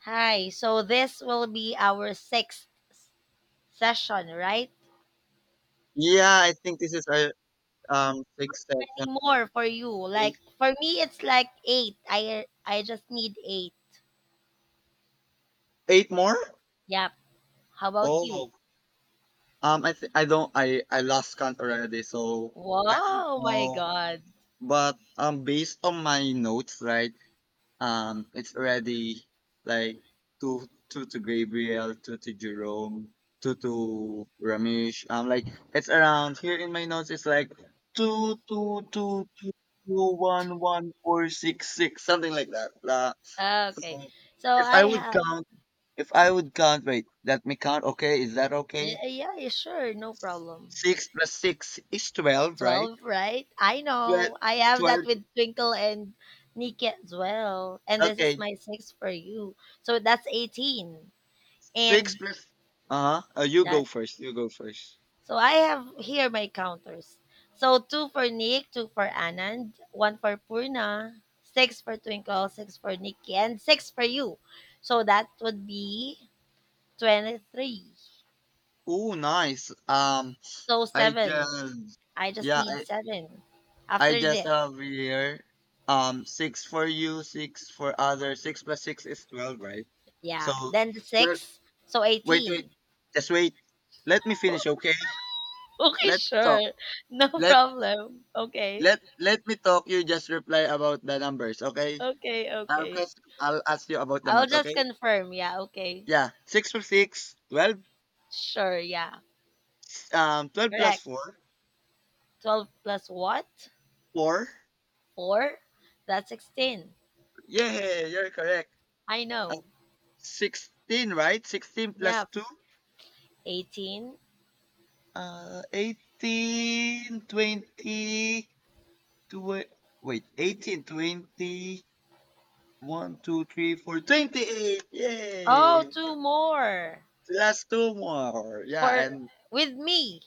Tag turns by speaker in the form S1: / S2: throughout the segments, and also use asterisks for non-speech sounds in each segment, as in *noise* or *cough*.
S1: Hi. So this will be our sixth session, right?
S2: Yeah, I think this is our sixth session.
S1: Many more for you. Like
S2: Eight
S1: for me, it's like eight. I just need eight.
S2: eight more?
S1: Yep. How about you?
S2: Oh. I don't, I lost count already, so I don't
S1: Wow, my
S2: know.
S1: God.
S2: But based on my notes, right? It's already like two to Gabriel, two to Jerome, two to Ramesh. Like it's around here in my notes, it's like two two two two two one one four six six, something like that. La. So
S1: Okay. So
S2: if
S1: I
S2: I would
S1: had
S2: count, if I would count, wait, let me count. Okay, is that okay?
S1: yeah, yeah, sure, no problem.
S2: Six plus six is 12, right?
S1: 12, right? I
S2: 12,
S1: know. I have that
S2: 12.
S1: with Twinkle and Nikki as well. And this is
S2: Okay,
S1: my six for you. So that's 18.
S2: six
S1: And
S2: plus. Uh huh. You go
S1: that
S2: first. You go first.
S1: So I have here my counters. So two for Nick, two for Anand, one for Purna, six for Twinkle, six for Nikki, and six for you. So that would be 23.
S2: Oh, nice.
S1: So
S2: I
S1: seven.
S2: just,
S1: I just
S2: yeah,
S1: need
S2: I,
S1: seven.
S2: I
S1: After
S2: just
S1: this,
S2: have here. Six for you, six for other. Six plus six is 12, right? So,
S1: yeah. Then the
S2: well,
S1: six. So
S2: wait, wait,
S1: 18.
S2: just wait. Let me finish,
S1: *laughs*
S2: okay?
S1: Okay,
S2: Let's talk.
S1: sure. No
S2: Let
S1: problem. Okay.
S2: let me talk. You just reply about the numbers, okay?
S1: Okay,
S2: I'll
S1: okay.
S2: ask I'll ask you about the
S1: I'll
S2: math,
S1: just
S2: okay?
S1: confirm. Yeah, okay.
S2: Yeah, six plus six, 12.
S1: Sure, yeah.
S2: 12 plus
S1: Correct.
S2: four,
S1: 12 plus what?
S2: four.
S1: Four? That's 16.
S2: Yeah, you're correct.
S1: I
S2: Uh,
S1: know.
S2: 16, right? 16 plus
S1: Yep.
S2: two,
S1: 18.
S2: 18, 20, tw- wait, 18, 20, one, two, three, four, 28.
S1: Oh,
S2: Yay!
S1: two more.
S2: Plus two more. Yeah,
S1: For
S2: and
S1: With me.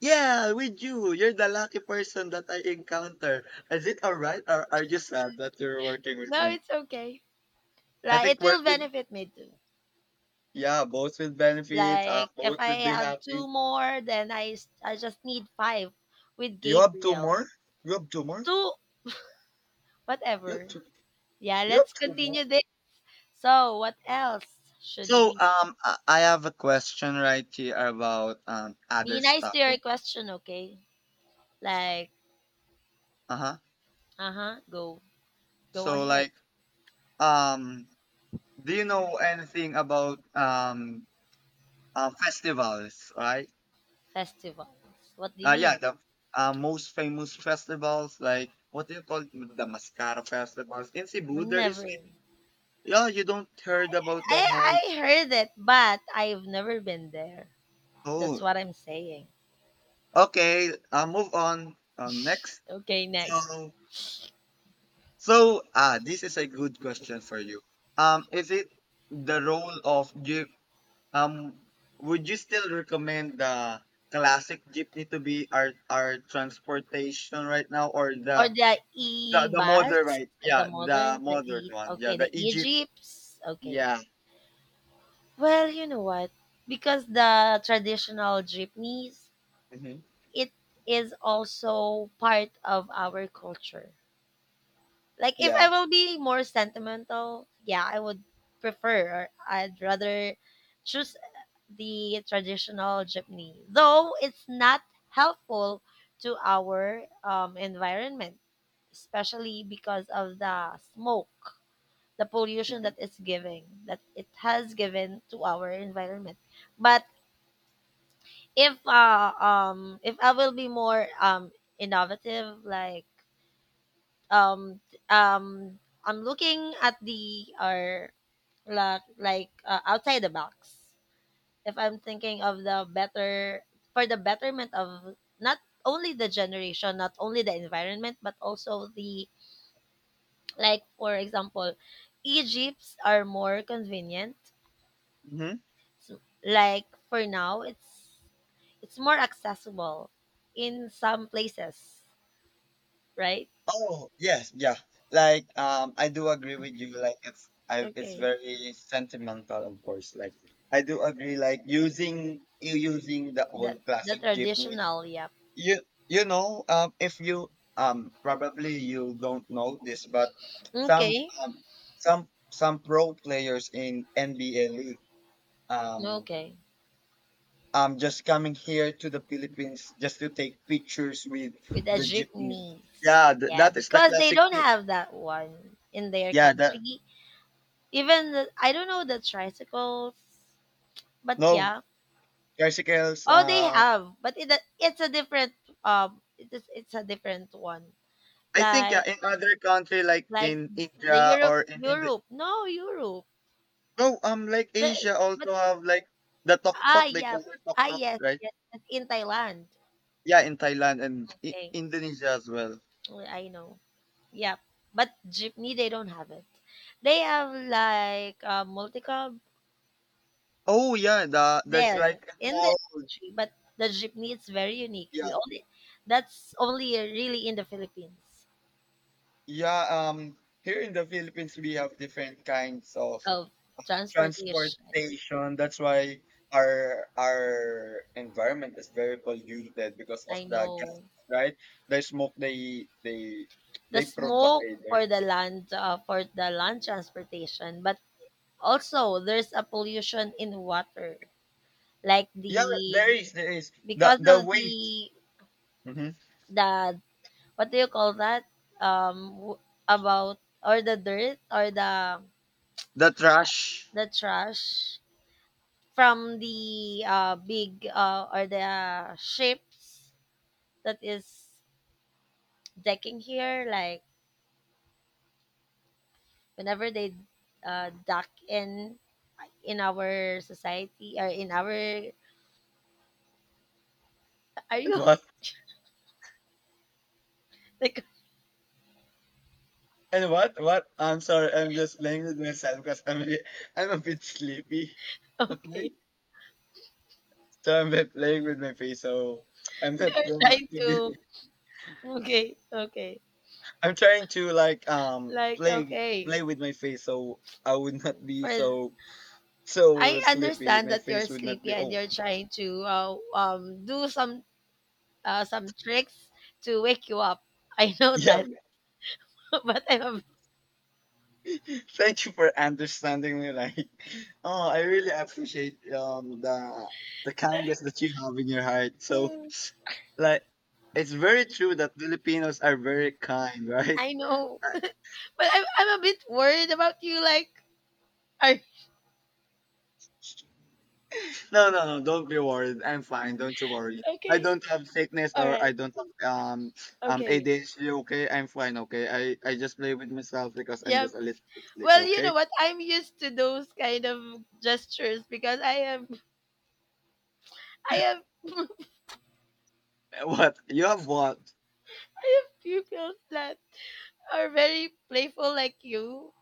S2: yeah, with you. You're the lucky person that I encounter. Is it all right, or are you sad that you're working with
S1: No,
S2: me?
S1: it's okay.
S2: I
S1: Like
S2: think
S1: it will
S2: working,
S1: benefit me too.
S2: yeah, both with benefits,
S1: Like if
S2: both will
S1: I
S2: be
S1: have
S2: happy.
S1: two more, then I just need five with
S2: You have two
S1: Gabriel.
S2: more? You have two more?
S1: Two,
S2: You have
S1: whatever.
S2: two,
S1: Yeah,
S2: you have
S1: let's
S2: two
S1: continue
S2: more?
S1: this. So, what else should
S2: So,
S1: we?
S2: I have a question right here about other
S1: Be nice to
S2: stuff.
S1: your question, okay? Like,
S2: Uh-huh.
S1: uh huh. Go
S2: So,
S1: ahead.
S2: like, um, do you know anything about festivals, right?
S1: Festivals. What do you
S2: Yeah,
S1: mean?
S2: the most famous festivals, like what do you call it? The Mascara festivals in Cebu? There is,
S1: Never.
S2: yeah, you don't heard about the
S1: I
S2: most.
S1: I heard it, but I've never been there. That's
S2: Oh,
S1: what I'm saying.
S2: okay. Move on. Next.
S1: Okay, next.
S2: So, this is a good question for you. Is it the role of Jeep? Um, would you still recommend the classic jeepney to be our transportation right now, or
S1: Or
S2: the
S1: the
S2: the the modern,
S1: e-bus,
S2: right? Yeah,
S1: the
S2: the
S1: modern, the
S2: modern
S1: e.
S2: one. Yeah,
S1: Okay,
S2: the
S1: the
S2: EG.
S1: e-jeeps. Okay.
S2: Yeah.
S1: Well, you know what? Because the traditional jeepneys,
S2: Hmm.
S1: it is also part of our culture. Like if I
S2: Yeah.
S1: will be more sentimental, yeah, I would prefer, or I'd rather choose the traditional jeepney. Though it's not helpful to our environment, especially because of the smoke, the pollution
S2: Hmm.
S1: that it's giving, that it has given to our environment. But if I will be more innovative, like, um um I'm looking at the, or like outside the box. If I'm thinking of the better for the betterment of not only the generation, not only the environment, but also the like, for example, Egypts are more convenient.
S2: Hmm.
S1: So, like for now, it's more accessible in some places, right?
S2: Oh, yes. Yeah. Like, I do agree with you. Like, it's
S1: Okay,
S2: very sentimental, of course. Like, I do agree. Like, using the
S1: that
S2: old
S1: the
S2: classic jeepney.
S1: traditional, yeah.
S2: You you know, if you probably you don't know this, but some
S1: Okay.
S2: some pro players in NBA league, um
S1: Okay,
S2: I'm just coming here to the Philippines just to take pictures with
S1: with the
S2: the jeepney.
S1: jeepneys.
S2: Yeah,
S1: Yeah,
S2: that is the
S1: because they
S2: classic.
S1: don't have that one in their
S2: Yeah, that,
S1: country. Even I don't know the tricycles, but
S2: no
S1: yeah.
S2: bicycles.
S1: Oh, they have, but it's a different it's a different one.
S2: I think, yeah,
S1: Like
S2: in other country like
S1: like
S2: in
S1: the
S2: India
S1: Europe
S2: or in India.
S1: Europe. No, Europe.
S2: No, like
S1: The,
S2: Asia
S1: but
S2: also have like the tok
S1: ah
S2: tok. They
S1: yeah.
S2: call it tok tok,
S1: Yes,
S2: right?
S1: yes, that's in Thailand.
S2: Yeah, in Thailand and
S1: Okay.
S2: Indonesia as well.
S1: Well, I know. Yeah. But jeepney they don't have it. They have like multi-cab
S2: Oh yeah, there's
S1: there
S2: like a
S1: in the
S2: small,
S1: country, but the jeepney is very unique.
S2: yeah,
S1: We only That's only really in the Philippines
S2: yeah, here in the Philippines we have different kinds of
S1: of transportation.
S2: transportation. That's why our environment is very polluted because of
S1: I
S2: the gas,
S1: know
S2: right? The smoke they they
S1: the
S2: they
S1: smoke
S2: provide, right?
S1: for the land transportation, but also there's a pollution in water, like
S2: Yeah, there
S1: the,
S2: is there is the
S1: because
S2: the
S1: of
S2: waste.
S1: the
S2: Mhm.
S1: the what do you call that, um w- about, or the dirt, or the
S2: The trash.
S1: the trash from the big, or the ships that is decking here, like whenever they dock in our society, or in our are you?
S2: What?
S1: *laughs* Like,
S2: And what? I'm sorry, I'm just playing with myself because I'm a bit sleepy. *laughs* Okay,
S1: okay.
S2: so I'm bit playing with my face, so I'm
S1: *laughs*
S2: not
S1: You're
S2: going
S1: trying
S2: to.
S1: to, okay, okay.
S2: I'm trying to like
S1: Like,
S2: play
S1: okay.
S2: play with my face so I would not be
S1: for
S2: so
S1: I
S2: sleepy.
S1: understand
S2: My
S1: that you're
S2: face would not
S1: sleepy
S2: be,
S1: and
S2: oh,
S1: you're trying to do some tricks to wake you up. I know
S2: yeah.
S1: that. *laughs* but I'm
S2: Yeah. *laughs* Thank you for understanding me. Like *laughs* oh, I really appreciate the kindness that you have in your heart. So
S1: a
S2: like, it's very true that Filipinos are very kind, *laughs* right?
S1: I know. *laughs* But I'm a bit worried about you. Like, are,
S2: No, no, no. Don't be worried. I'm fine. Don't you worry. I
S1: okay.
S2: don't have sickness
S1: All
S2: or I
S1: right.
S2: don't have
S1: Okay.
S2: ADHD. Okay, I'm fine. Okay, I just play with myself because I'm
S1: Yeah.
S2: just a little bit sleepy.
S1: Well, you
S2: Okay.
S1: know what? I'm used to those kind of gestures because *laughs* I
S2: *laughs* What you have? What?
S1: have pupils that are very playful like you.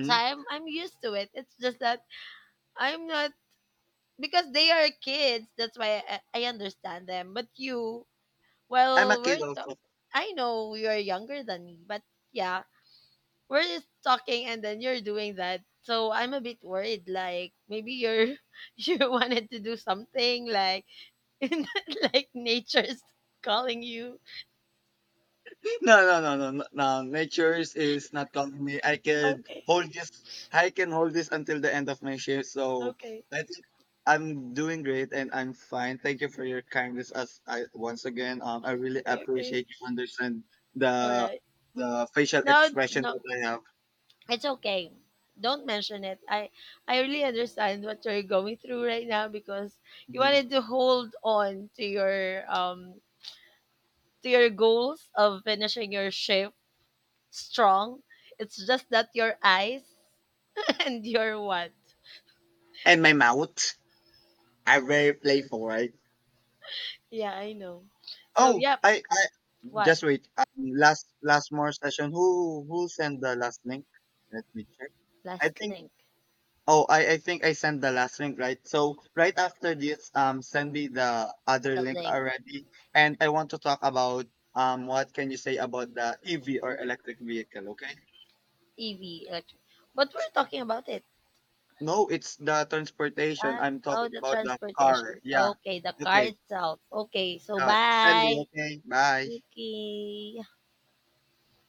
S1: So I'm used to it. It's just that I'm not, because they are kids. That's why I understand them. But you,
S2: I'm a
S1: well, we're,
S2: kid also.
S1: I know you're younger than me, but yeah, we're just talking and then you're doing that. So I'm a bit worried. Like, maybe you're *laughs* you wanted to do something, like, *laughs* like, nature's calling you.
S2: No, no, no, no, no. No, nature is not calling me. I can
S1: Okay,
S2: hold this. I can hold this until the end of my shift. So
S1: okay,
S2: I think I'm doing great and I'm fine. Thank you for your kindness. As I, once again, I really
S1: okay.
S2: appreciate you understand
S1: All
S2: the
S1: right.
S2: the facial
S1: No,
S2: expression
S1: no,
S2: that I have.
S1: it's okay. Don't mention it. I really understand what you're going through right now because you
S2: Mhm.
S1: wanted to hold on to your goals of finishing your shift strong. It's just that your eyes and your what?
S2: And my mouth. I'm very playful, right?
S1: Yeah, I know. So,
S2: Oh,
S1: yep,
S2: I
S1: what?
S2: just wait. Last more session. Who sent the last link? Let me check. I
S1: Last
S2: think.
S1: link,
S2: Oh, I think I sent the last link, right? So right after this, send me the other
S1: the
S2: link
S1: link,
S2: already. And I want to talk about what can you say about the EV or electric vehicle? Okay.
S1: EV, electric. But we're talking about it.
S2: No, it's the transportation. I'm
S1: Oh,
S2: talking
S1: the
S2: about the car.
S1: transportation.
S2: Yeah.
S1: Okay, the car
S2: Okay.
S1: itself. Okay, so
S2: Send me.
S1: bye.
S2: Okay. Bye.
S1: Okay.